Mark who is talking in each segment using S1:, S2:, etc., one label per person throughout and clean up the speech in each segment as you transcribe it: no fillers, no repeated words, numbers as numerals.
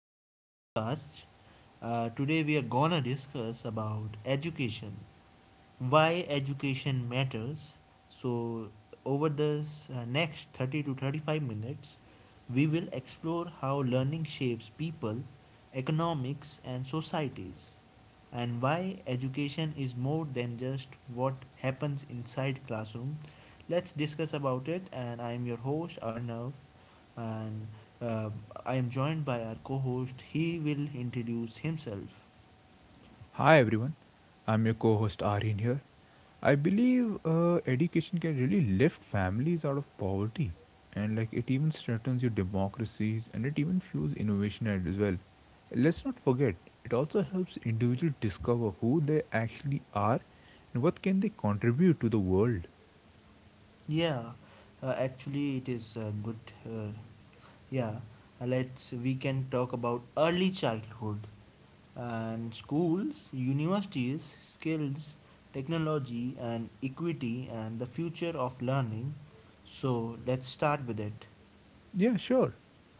S1: today's podcast. Today we are gonna discuss about education, why education matters. So, over the next 30 to 35 minutes, we will explore how learning shapes people, economics, and societies, and why education is more than just what happens inside classroom. Let's discuss about it, and I am your host Arnav, and uh, I am joined by our co-host. He will introduce himself.
S2: Hi everyone, I'm your co host Aryan here. I believe education can really lift families out of poverty, and like it even strengthens your democracies and it even fuels innovation as well. Let's not forget, it also helps individuals discover who they actually are and what can they contribute to the world.
S1: Yeah, actually, it is a good yeah, let's we can talk about early childhood and schools, universities, skills, technology and equity and the future of learning. So, let's start with it.
S2: Yeah, sure.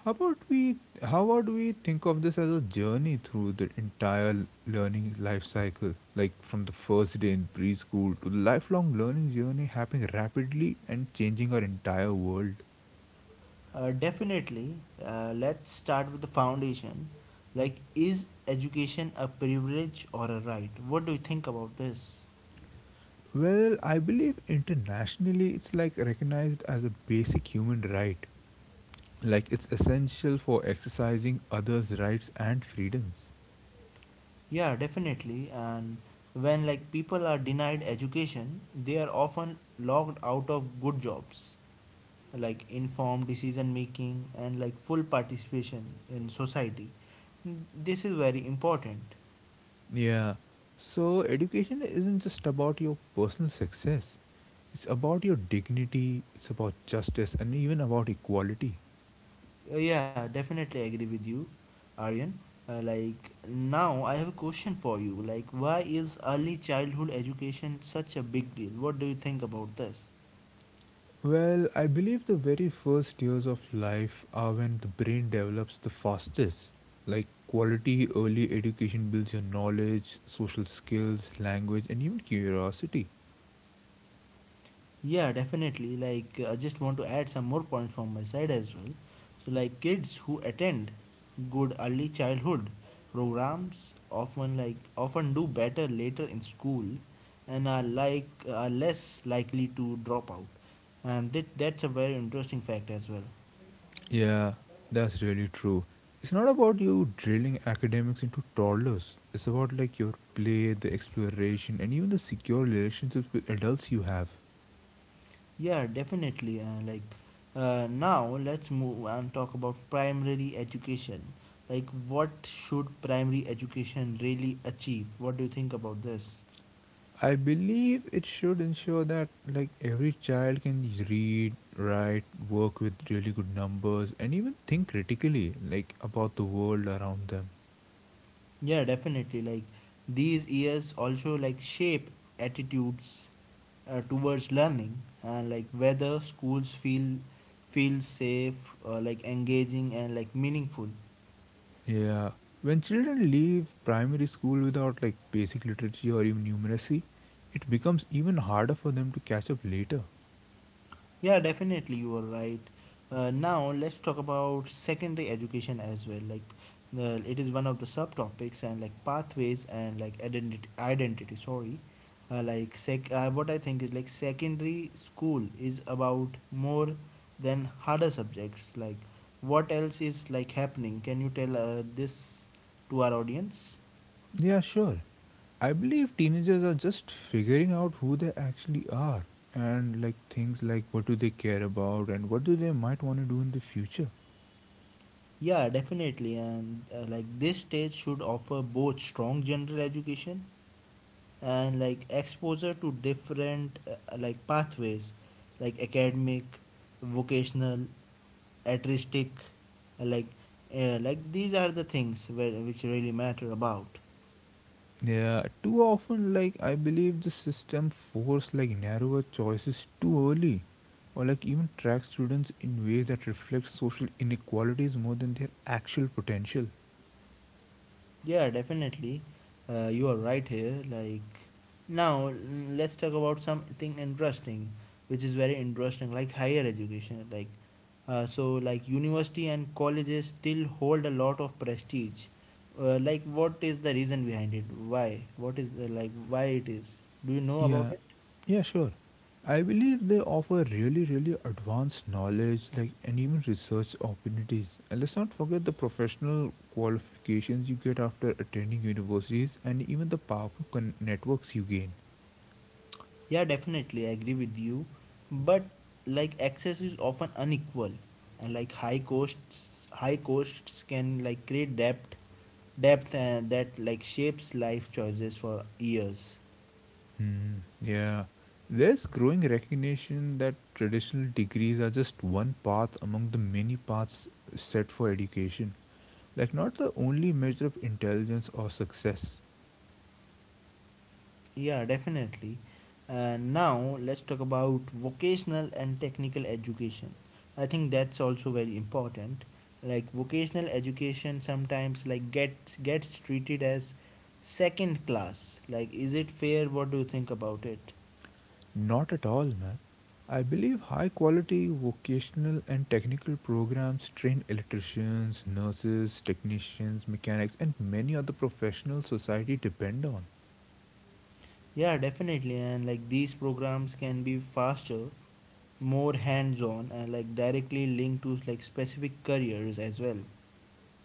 S2: How about we how about we think of this as a journey through the entire learning life cycle, like from the first day in preschool to the lifelong learning journey happening rapidly and changing our entire world.
S1: Definitely, let's start with the foundation. Like is education a privilege or a right? What do you think about this?
S2: Well, I believe internationally it's like recognized as a basic human right. Like it's essential for exercising others' rights and freedoms.
S1: Yeah, definitely. And when like people are denied education, they are often locked out of good jobs, like informed decision making and like full participation in society. This is very important.
S2: Yeah. So education isn't just about your personal success. It's about your dignity, it's about justice and even about equality.
S1: Yeah, definitely agree with you, aryan. Like now I have a question for you, like why is early childhood education such a big deal? What do you think about this?
S2: Well, I believe the very first years of life are when the brain develops the fastest. Like quality early education builds your knowledge, social skills, language and even curiosity.
S1: Yeah, definitely. Like, I just want to add some more points from my side as well. So, like, kids who attend good early childhood programs often, like often do better later in school and are less likely to drop out, and that's a very interesting fact as well.
S2: Yeah, that's really true. It's not about you drilling academics into toddlers. It's about like your play, the exploration, and even the secure relationships with adults you have.
S1: Yeah, definitely. Now let's move and talk about primary education. Like what should primary education really achieve? What do you think about this?
S2: I believe it should ensure that like every child can read, write, work with really good numbers, and even think critically like about the world around them.
S1: Yeah, definitely. Like these years also like shape attitudes towards learning, and like whether schools feel safe, like engaging and like meaningful.
S2: Yeah, when children leave primary school without like basic literacy or even numeracy, it becomes even harder for them to catch up later.
S1: Yeah, definitely you are right. Now let's talk about secondary education as well. Like the it is one of the subtopics and like pathways and like identity. Sorry, like sec. What I think is like secondary school is about more than harder subjects. Like what else is like happening? Can you tell this to our audience?
S2: Yeah, sure. I believe teenagers are just figuring out who they actually are and like things like what do they care about and what do they might want to do in the future.
S1: Yeah, definitely. And like this stage should offer both strong general education and like exposure to different like pathways, like academic, vocational, artistic, uh, like like these are the things where, which really matter about.
S2: Yeah, too often like I believe the system force like narrower choices too early or like even track students in ways that reflect social inequalities more than their actual potential.
S1: Yeah, definitely. You are right here. Like now, let's talk about something interesting, which is very interesting, like higher education. Like, so like university and colleges still hold a lot of prestige. Like, what is the reason behind it? Why? What is the like? Why it is? Do you know about
S2: Yeah,
S1: it?
S2: yeah, sure. I believe they offer really, really advanced knowledge, like and even research opportunities. And let's not forget the professional qualifications you get after attending universities, and even the powerful networks you gain.
S1: Yeah, definitely, I agree with you. But like access is often unequal, and like high costs can like create debt depth and that like shapes life choices for years.
S2: Hmm. Yeah, there's growing recognition that traditional degrees are just one path among the many paths set for education, like not the only measure of intelligence or success.
S1: Yeah, definitely, and now let's talk about vocational and technical education. I think that's also very important. Like vocational education sometimes like gets treated as second class. Like is it fair? What do you think about it?
S2: Not at all, man. I believe high quality vocational and technical programs train electricians, nurses, technicians, mechanics, and many other professionals society depend on.
S1: Yeah, definitely. And like these programs can be faster, more hands on, and like directly linked to like specific careers as well.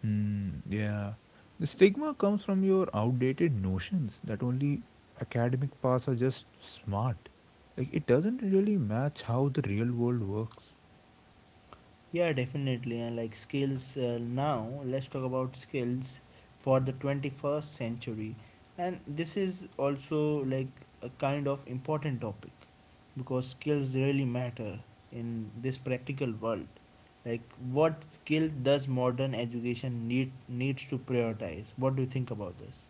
S2: Hmm, yeah. The stigma comes from your outdated notions that only academic paths are just smart. Like, it doesn't really match how the real world works.
S1: Yeah, definitely. And like skills, now, let's talk about skills for the 21st century. And this is also like a kind of important topic, because skills really matter in this practical world. Like what skill does modern education needs to prioritize? What do you think about this?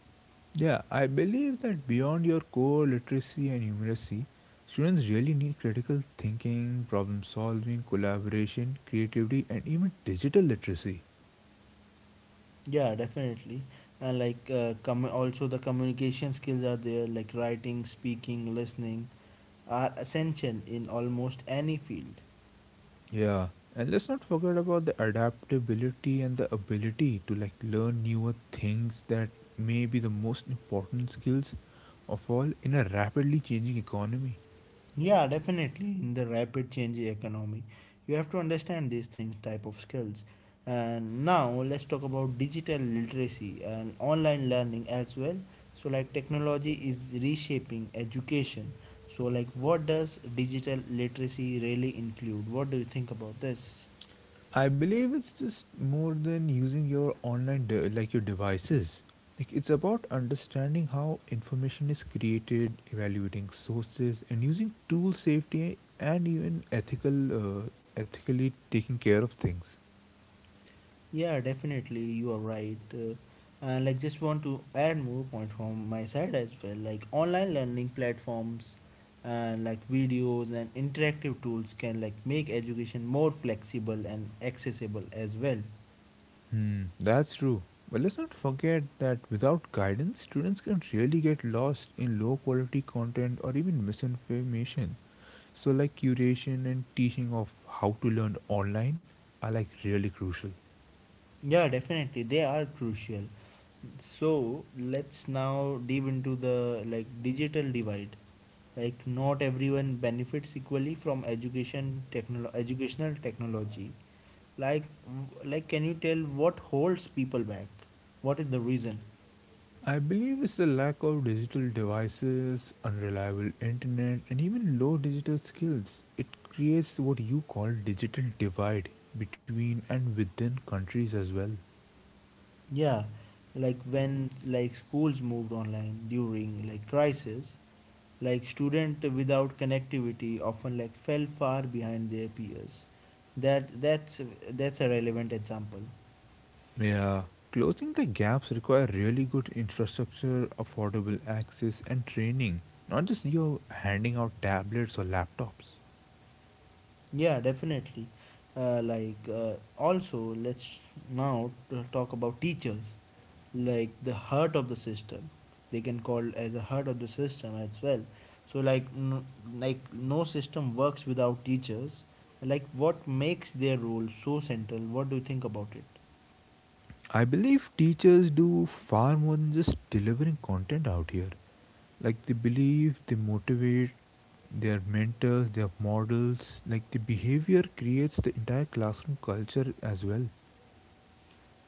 S2: Yeah, I believe that beyond your core literacy and numeracy, students really need critical thinking, problem solving, collaboration, creativity, and even digital literacy.
S1: Yeah, definitely. And like also the communication skills are there, like writing, speaking, listening are essential in almost any field.
S2: Yeah, and let's not forget about the adaptability and the ability to like learn newer things that may be the most important skills of all in a rapidly changing economy.
S1: Yeah, definitely. In the rapid changing economy, you have to understand these things, type of skills. And now let's talk about digital literacy and online learning as well. So, like technology is reshaping education. So, like, what does digital literacy really include? What do you think about this?
S2: I believe it's just more than using your online like your devices. Like it's about understanding how information is created, evaluating sources, and using tool safety and even ethically taking care of things.
S1: Yeah, definitely, you are right. And like, just want to add more point from my side as well. Like, online learning platforms and like videos and interactive tools can like make education more flexible and accessible as well.
S2: Hmm, that's true. But let's not forget that without guidance, students can really get lost in low quality content or even misinformation. So like curation and teaching of how to learn online are like really crucial.
S1: Yeah, definitely, they are crucial. So let's now dive into the like digital divide. Like, not everyone benefits equally from educational technology, like like can you tell what holds people back? What is the reason?
S2: I believe it's the lack of digital devices, unreliable internet, and even low digital skills. It creates what you call digital divide between and within countries as well.
S1: Yeah, like when like schools moved online during like crisis, like student without connectivity often like fell far behind their peers. That that's that's a relevant example.
S2: Yeah. Closing the gaps require really good infrastructure, affordable access and training, not just you handing out tablets or laptops.
S1: Yeah, definitely. Also let's now talk about teachers, like the heart of the system. They can call as a heart of the system as well. So like like no system works without teachers. Like what makes their role so central? What do you think about it?
S2: I believe teachers do far more than just delivering content out here. Like they believe, they motivate, their mentors, their models, like the behavior creates the entire classroom culture as well.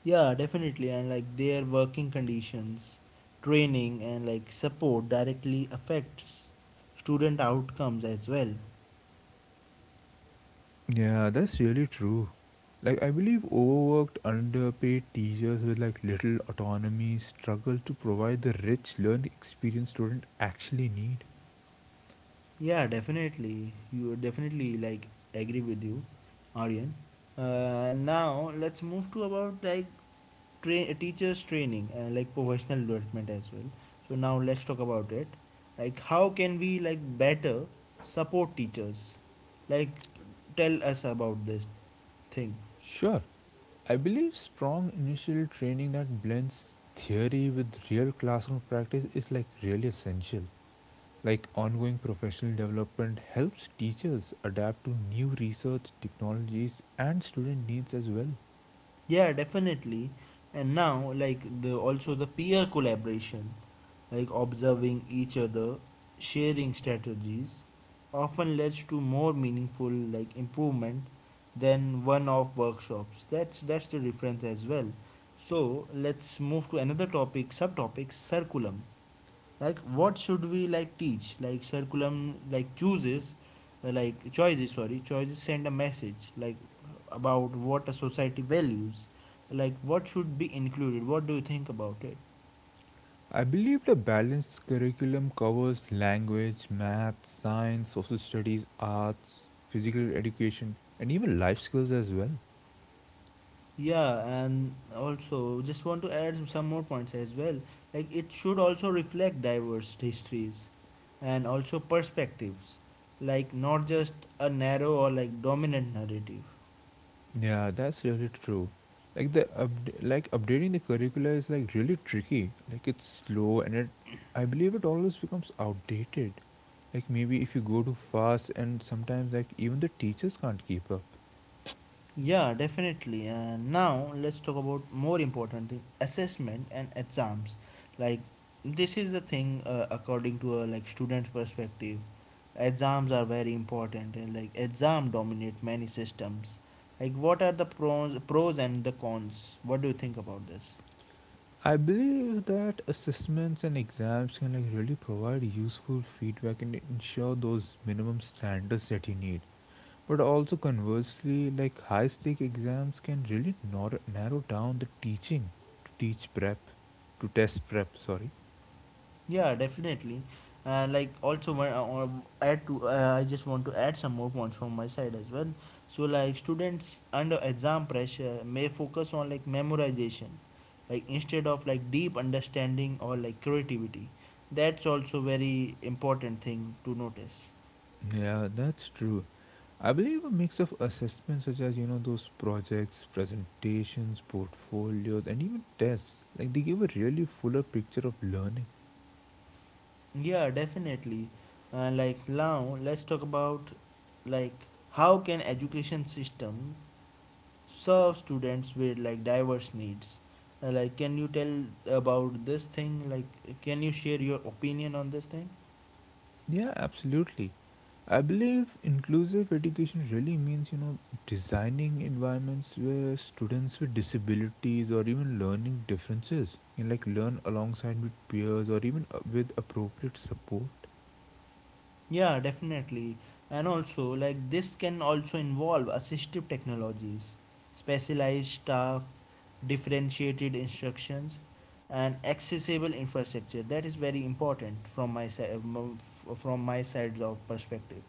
S1: Yeah, definitely. And like their working conditions, training, and like support directly affects student outcomes as well.
S2: Yeah, that's really true. Like I believe overworked, underpaid teachers with like little autonomy struggle to provide the rich learning experience students actually need.
S1: Yeah, definitely you definitely like agree with you, aryan. Now let's move to about like teachers training, like professional development as well. So now let's talk about it. Like how can we like better support teachers? Like tell us about this thing.
S2: Sure. I believe strong initial training that blends theory with real classroom practice is like really essential. Like ongoing professional development helps teachers adapt to new research, technologies, and student needs as well.
S1: Yeah, definitely. And now like the also the peer collaboration, like observing each other, sharing strategies, often leads to more meaningful like improvement than one-off workshops. That's the difference as well. So let's move to another topic, subtopic curriculum. Like what should we like teach? Like curriculum like chooses, like choices. Sorry, choices send a message like about what a society values. Like what should be included? What do you think about it?
S2: I believe the balanced curriculum covers language, math, science, social studies, arts, physical education, and even life skills as well.
S1: Yeah, and also just want to add some more points as well. Like it should also reflect diverse histories and also perspectives, like not just a narrow or like dominant narrative.
S2: Yeah, that's really true. Like the like updating the curricula is like really tricky. Like it's slow and it. I believe it always becomes outdated. Like maybe if you go too fast and sometimes like even the teachers can't keep up.
S1: Yeah, definitely. And now let's talk about more important thing: assessment and exams. Like this is the thing, according to a like student's perspective. Exams are very important, and like exam dominate many systems. Like, what are the pros and the cons? What do you think about this?
S2: I believe that assessments and exams can like really provide useful feedback and ensure those minimum standards that you need. But also conversely, like high stake exams can really narrow down the teaching to teach prep, to test prep, sorry.
S1: Yeah, definitely. Like also one or add to I just want to add some more points from my side as well. So like students under exam pressure may focus on like memorization, like instead of like deep understanding or like creativity. That's also very important thing to notice.
S2: Yeah, that's true. I believe a mix of assessments such as you know those projects, presentations, portfolios, and even tests like they give a really fuller picture of learning.
S1: Yeah, definitely. Like now let's talk about like how can education system serve students with like diverse needs. Like, can you tell about this thing? Like, can you share your opinion on this thing?
S2: Yeah, absolutely. I believe inclusive education really means, you know, designing environments where students with disabilities or even learning differences can like learn alongside with peers or even with appropriate support.
S1: Yeah, definitely. And also, like, this can also involve assistive technologies, specialized staff, differentiated instructions, and accessible infrastructure. That is very important from my side, from my side's of perspective.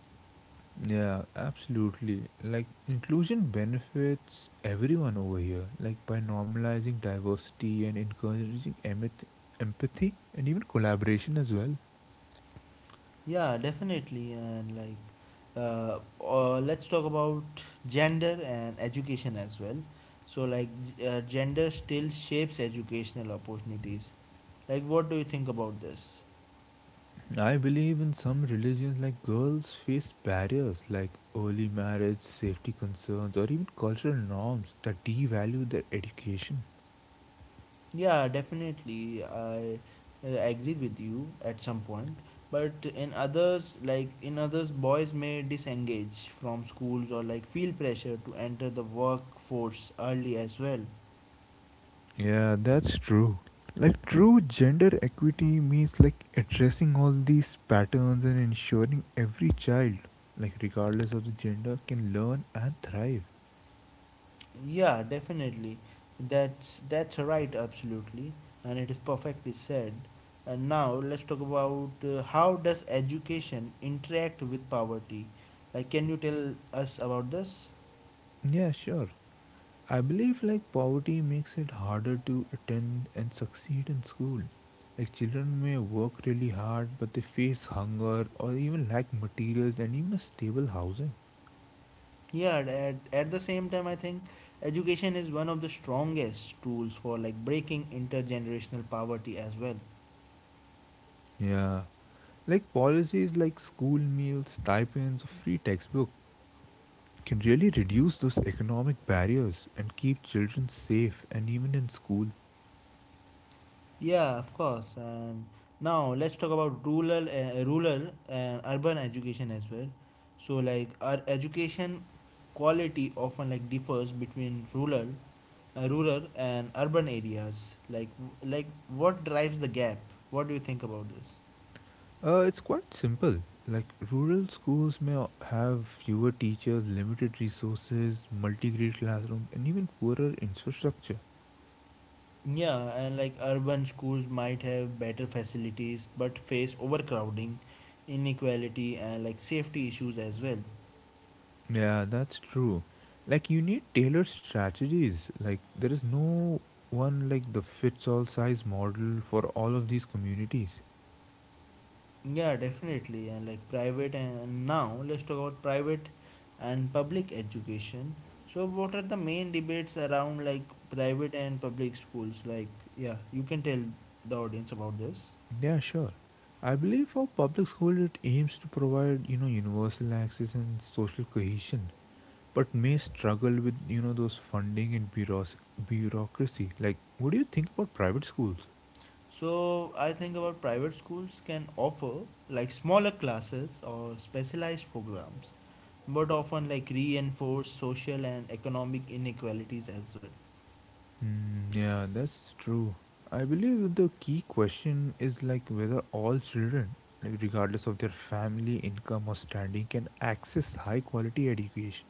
S2: Yeah, absolutely. Like inclusion benefits everyone over here, like by normalizing diversity and encouraging empathy and even collaboration as well.
S1: Yeah, definitely. And like, let's talk about gender and education as well. So, like, gender still shapes educational opportunities. Like, what do you think about this?
S2: I believe in some religions, like girls face barriers like early marriage, safety concerns, or even cultural norms that devalue their education.
S1: Yeah, definitely. I agree with you at some point. But in others, like, in others, boys may disengage from schools or like feel pressure to enter the workforce early as well.
S2: Yeah, that's true. Like true gender equity means like addressing all these patterns and ensuring every child, like, regardless of the gender, can learn and thrive.
S1: Yeah, definitely. That's right, absolutely, and it is perfectly said. And now let's talk about how does education interact with poverty? Like, can you tell us about this?
S2: Yeah, sure. I believe like poverty makes it harder to attend and succeed in school. Like children may work really hard but they face hunger or even lack materials and even a stable housing.
S1: Yeah, at the same time, I think education is one of the strongest tools for like breaking intergenerational poverty as well.
S2: Yeah. Like policies like school meals, stipends, or free textbook can really reduce those economic barriers and keep children safe and even in school.
S1: Yeah, of course. And now let's talk about rural, rural and urban education as well. So, like our education quality often like differs between rural, rural and urban areas. Like what drives the gap? What do you think about this?
S2: It's quite simple. Like rural schools may have fewer teachers, limited resources, multi-grade classrooms, and even poorer infrastructure.
S1: Yeah, and like urban schools might have better facilities but face overcrowding, inequality, and like safety issues as well.
S2: Yeah, that's true. Like you need tailored strategies. Like there is no one like the fits all size model for all of these communities.
S1: Yeah, definitely. And like private, and now let's talk about private and public education. So what are the main debates around like private and public schools? Like yeah, you can tell the audience about this.
S2: Yeah, sure. I believe for public school it aims to provide, you know, universal access and social cohesion, but may struggle with, you know, those funding and bureaucracy. Like, what do you think about private schools?
S1: So I think about private schools can offer like smaller classes or specialized programs, but often like reinforce social and economic inequalities as well.
S2: Mm, yeah, that's true. I believe the key question is like whether all children, like, regardless of their family income or standing, can access high quality education.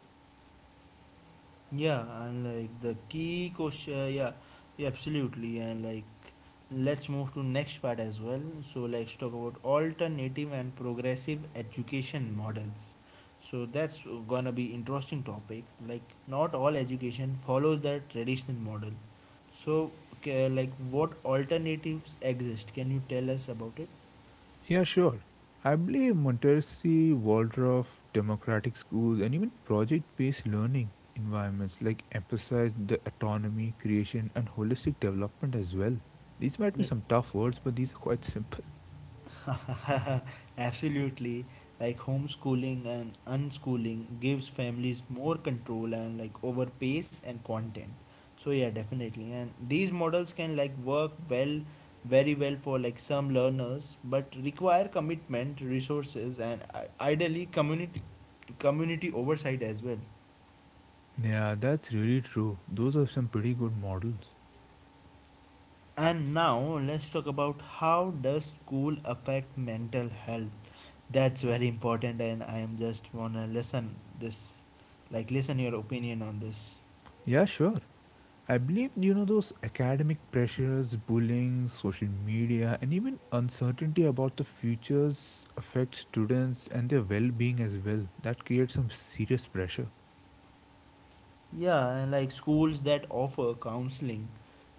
S1: Yeah, and like the key question, yeah, yeah, absolutely, and like let's move to next part as well. So let's talk about alternative and progressive education models. So that's gonna be interesting topic. Like not all education follows the traditional model. So okay, like what alternatives exist? Can you tell us about it?
S2: Yeah, sure. I believe Montessori, Waldorf, democratic schools, and even project based learning environments like emphasize the autonomy, creation, and holistic development as well. These might be some tough words, but these are quite simple.
S1: Absolutely. Like homeschooling and unschooling gives families more control and like over pace and content. So yeah, definitely. And these models can like work well very well for like some learners but require commitment, resources and ideally community oversight as well.
S2: Yeah, that's really true. Those are some pretty good models.
S1: And now let's talk about how does school affect mental health. That's very important and I am just wanna listen this like, listen your opinion on this.
S2: Yeah, sure. I believe you know those academic pressures, bullying, social media, and even uncertainty about the futures affect students and their well-being as well. That creates some serious pressure.
S1: Yeah, and like schools that offer counseling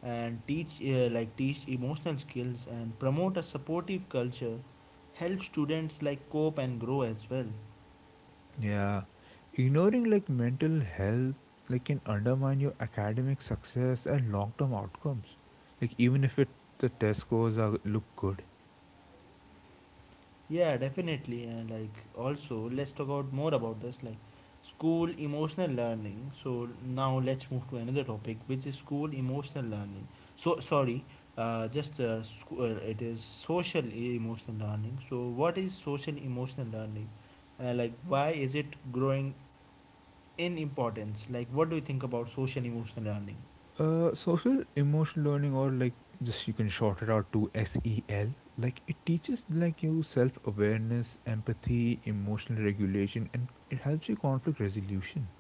S1: and teach like teach emotional skills and promote a supportive culture help students like cope and grow as well.
S2: Yeah, ignoring like mental health like can undermine your academic success and long-term outcomes. Like even if it, the test scores are look good.
S1: Yeah, definitely. And like also, let's talk about more about this like school emotional learning. So now let's move to another topic, which is school emotional learning. So sorry, it is social emotional learning. So what is social emotional learning? Like why is it growing in importance? Like what do you think about social emotional learning?
S2: Social emotional learning, or like just you can short it out to SEL, like it teaches like you self awareness, empathy, emotional regulation, and it helps you conflict resolution.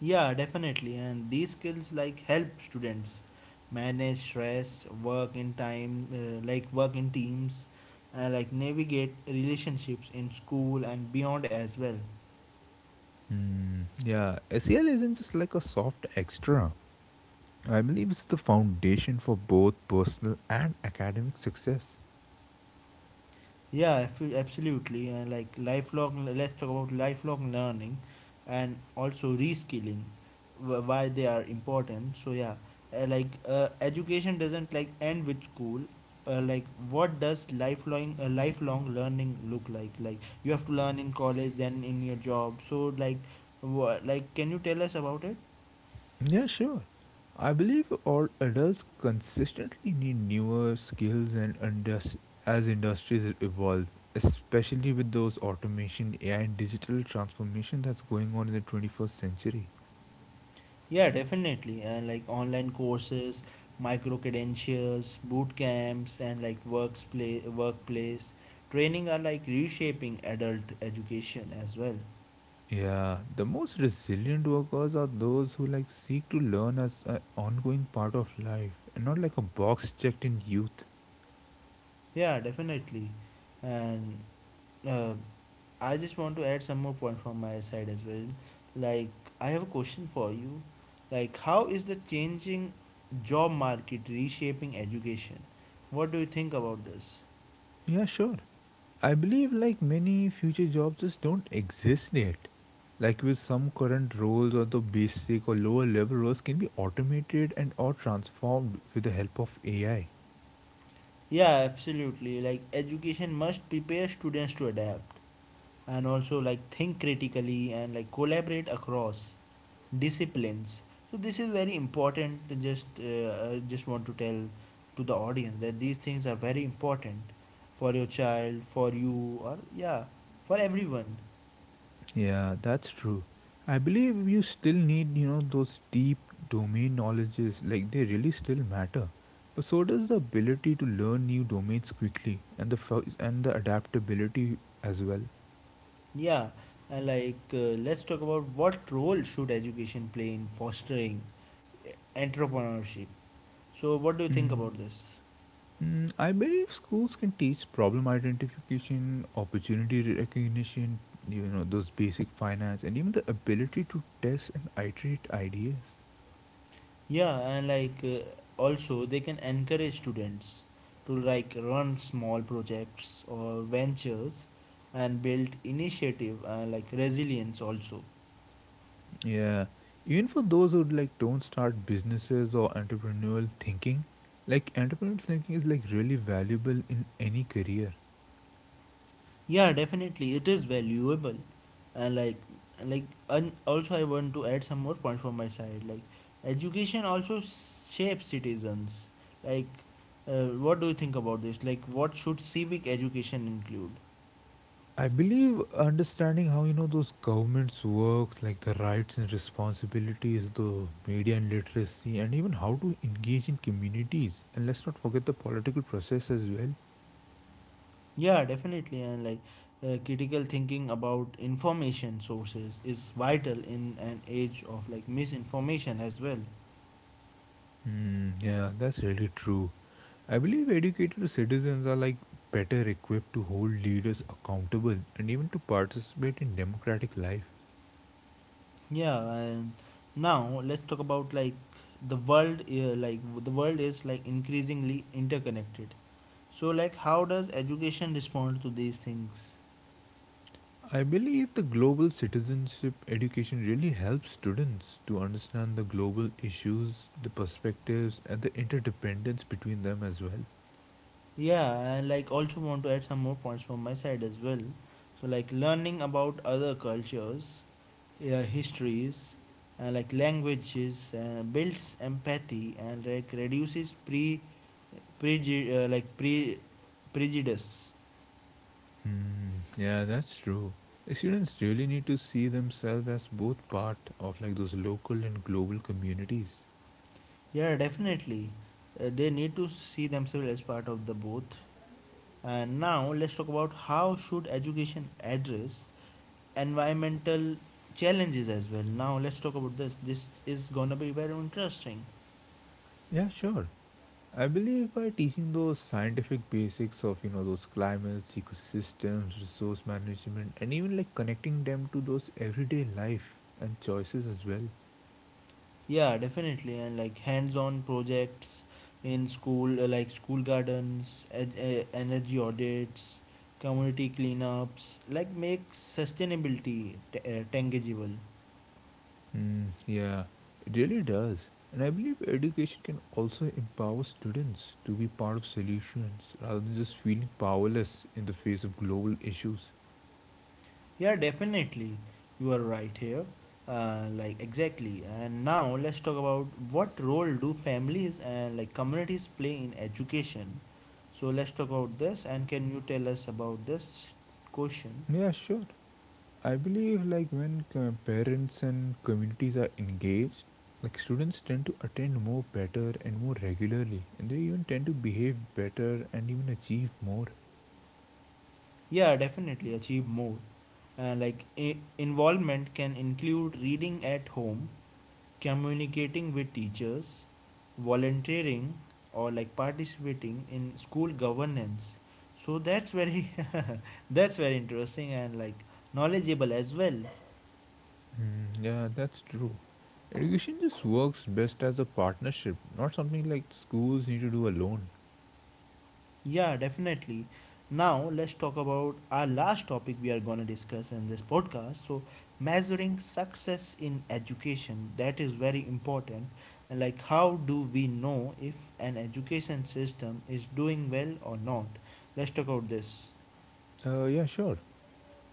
S1: Yeah, definitely. And these skills like help students manage stress, work in time, like work in teams, like navigate relationships in school and beyond as well.
S2: Hmm. Yeah, SEL isn't just like a soft extra. I believe it's the foundation for both personal and academic success.
S1: Yeah, absolutely. And like lifelong, let's talk about lifelong learning and also reskilling, why they are important. So yeah, education doesn't like end with school. Like what does lifelong lifelong learning look like? Like you have to learn in college, then in your job. So like, wha like can you tell us about it?
S2: Yeah, sure. I believe all adults consistently need newer skills and as industries evolve, especially with those automation, AI, and digital transformation that's going on in the 21st century.
S1: Yeah, definitely. And like online courses, micro credentials, boot camps, and like workplace training are like reshaping adult education as well.
S2: Yeah, the most resilient workers are those who like seek to learn as an ongoing part of life and not like a box checked in youth.
S1: Yeah, definitely. And uh, I just want to add some more point from my side as well. Like I have a question for you. Like how is the changing job market reshaping education? What do you think about this?
S2: Yeah, sure. I believe like many future jobs just don't exist yet. Like with some current roles or the basic or lower level roles can be automated and or transformed with the help of AI.
S1: Yeah, absolutely. Like education must prepare students to adapt and also like think critically and like collaborate across disciplines. So this is very important. To Just I just want to tell to the audience that these things are very important for your child, for you, or yeah, for everyone.
S2: Yeah, that's true. I believe you still need, you know, those deep domain knowledges, like they really still matter. But so does the ability to learn new domains quickly and and the adaptability as well.
S1: Yeah, and like let's talk about what role should education play in fostering entrepreneurship. So what do you think
S2: Mm.
S1: about this?
S2: Mm, I believe schools can teach problem identification, opportunity recognition, you know, those basic finance, and even the ability to test and iterate ideas.
S1: Yeah, and like also they can encourage students to like run small projects or ventures and build initiative and like resilience also.
S2: Yeah, even for those who like don't start businesses or entrepreneurial thinking, like entrepreneurial thinking is like really valuable in any career.
S1: Yeah, definitely it is valuable, and like and also I want to add some more points from my side like education also shapes citizens. Like what do you think about this, like what should civic education include?
S2: I believe understanding how you know those governments work, like the rights and responsibilities, the media and literacy, and even how to engage in communities. And let's not forget the political process as well.
S1: Yeah, definitely. And like critical thinking about information sources is vital in an age of like misinformation as well.
S2: Hmm, yeah, that's really true. I believe educated citizens are like better equipped to hold leaders accountable and even to participate in democratic life.
S1: Yeah, and now let's talk about like the world. Like the world is like increasingly interconnected. So like, how does education respond to these things?
S2: I believe the global citizenship education really helps students to understand the global issues, the perspectives, and the interdependence between them as well.
S1: Yeah, and like also want to add some more points from my side as well. So like learning about other cultures, histories, and like languages, and builds empathy and like reduces preju- uh, like pre, prejudice.
S2: Hmm, yeah, that's true. The students really need to see themselves as both part of like those local and global communities.
S1: Yeah, definitely, they need to see themselves as part of the both. And now let's talk about how should education address environmental challenges as well. Now let's talk about this. This is gonna be very interesting.
S2: Yeah, sure. I believe by teaching those scientific basics of you know those climates, ecosystems, resource management, and even like connecting them to those everyday life and choices as well.
S1: Yeah, definitely. And like hands-on projects in school, like school gardens, energy audits, community cleanups, like make sustainability tangible.
S2: Mm, yeah, it really does. And I believe education can also empower students to be part of solutions rather than just feeling powerless in the face of global issues.
S1: Yeah, definitely. You are right here. Like exactly. And now let's talk about what role do families and like communities play in education. So let's talk about this. And can you tell us about this question?
S2: Yeah, sure. I believe like when parents and communities are engaged, like students tend to attend more better and more regularly, and they even tend to behave better and even achieve more.
S1: Yeah, definitely achieve more. And like involvement can include reading at home, communicating with teachers, volunteering, or like participating in school governance. So that's very interesting and like knowledgeable as well.
S2: Mm, yeah, that's true. Education just works best as a partnership, not something like schools need to do alone.
S1: Yeah, definitely. Now let's talk about our last topic we are gonna discuss in this podcast. So measuring success in education, that is very important. And like how do we know if an education system is doing well or not? Let's talk about this.
S2: Yeah, sure.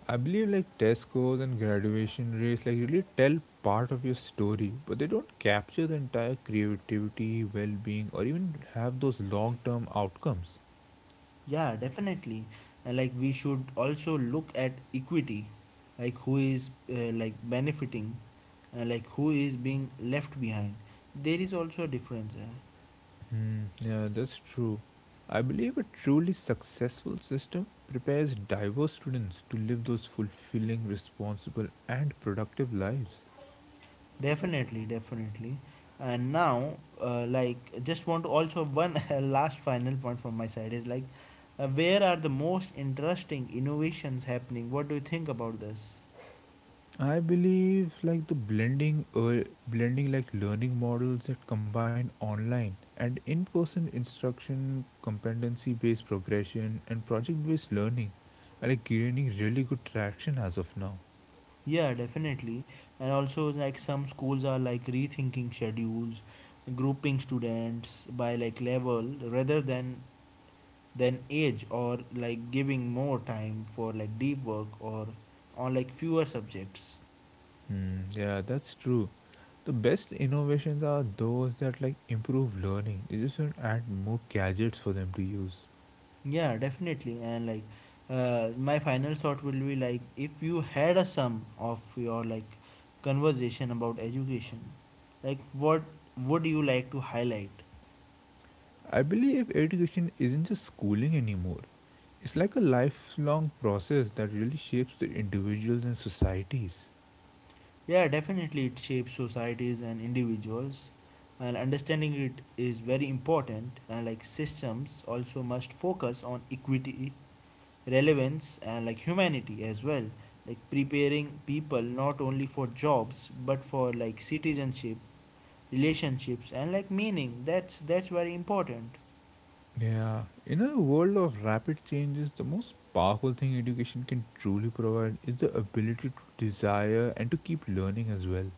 S2: I believe like test scores and graduation rates like really tell part of your story, but they don't capture the entire creativity, well-being, or even have those long-term outcomes.
S1: Yeah, definitely. And like we should also look at equity, like who is like benefiting, like who is being left behind. There is also a difference.
S2: Hmm, yeah, that's true. I believe a truly successful system prepares diverse students to live those fulfilling, responsible, and productive lives.
S1: Definitely, definitely. And now, like just want to also one last final point from my side is like, where are the most interesting innovations happening? What do you think about this?
S2: I believe like the blending or blending like learning models that combine online and in-person instruction, competency-based progression, and project-based learning are like gaining really good traction as of now.
S1: Yeah, definitely. And also, like some schools are like rethinking schedules, grouping students by like level rather than age, or like giving more time for like deep work or on like fewer subjects.
S2: Hmm, yeah, that's true. The best innovations are those that like improve learning. You just don't add more gadgets for them to use.
S1: Yeah, definitely. And like my final thought will be like if you had a sum of your like conversation about education, like what would you like to highlight?
S2: I believe education isn't just schooling anymore. It's like a lifelong process that really shapes the individuals and societies.
S1: Yeah, definitely it shapes societies and individuals, and understanding it is very important. And like systems also must focus on equity, relevance, and like humanity as well. Like preparing people not only for jobs but for like citizenship, relationships, and like meaning. That's very important.
S2: Yeah, in a world of rapid changes, the most powerful thing education can truly provide is the ability to desire and to keep learning as well.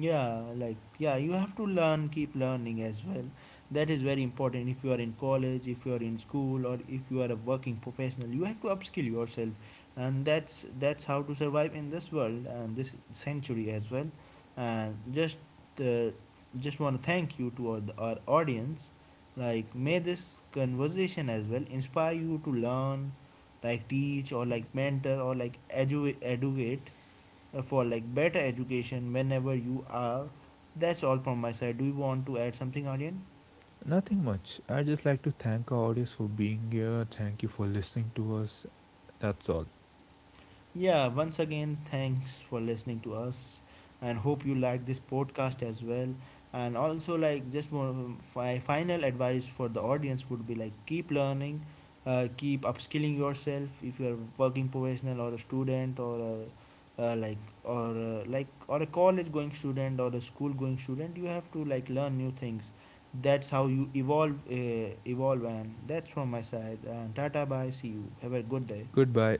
S1: Yeah, like yeah, you have to learn, keep learning as well. That is very important. If you are in college, if you are in school, or if you are a working professional, you have to upskill yourself, and that's how to survive in this world and this century as well. And uh, just want to thank you to our audience. Like may this conversation as well inspire you to learn, like teach or like mentor or like educate, for like better education whenever you are. That's all from my side. Do you want to add something, Aryan?
S2: Nothing much. I just like to thank our audience for being here. Thank you for listening to us. That's all.
S1: Yeah, once again, thanks for listening to us and hope you like this podcast as well. And also, like, just more of a final advice for the audience would be like, keep learning, keep upskilling yourself if you're a working professional or a student or a uh, like like or a college going student or a school going student, you have to like learn new things. That's how you evolve, evolve, and that's from my side, and tata, bye, see you, have a good day.
S2: Goodbye.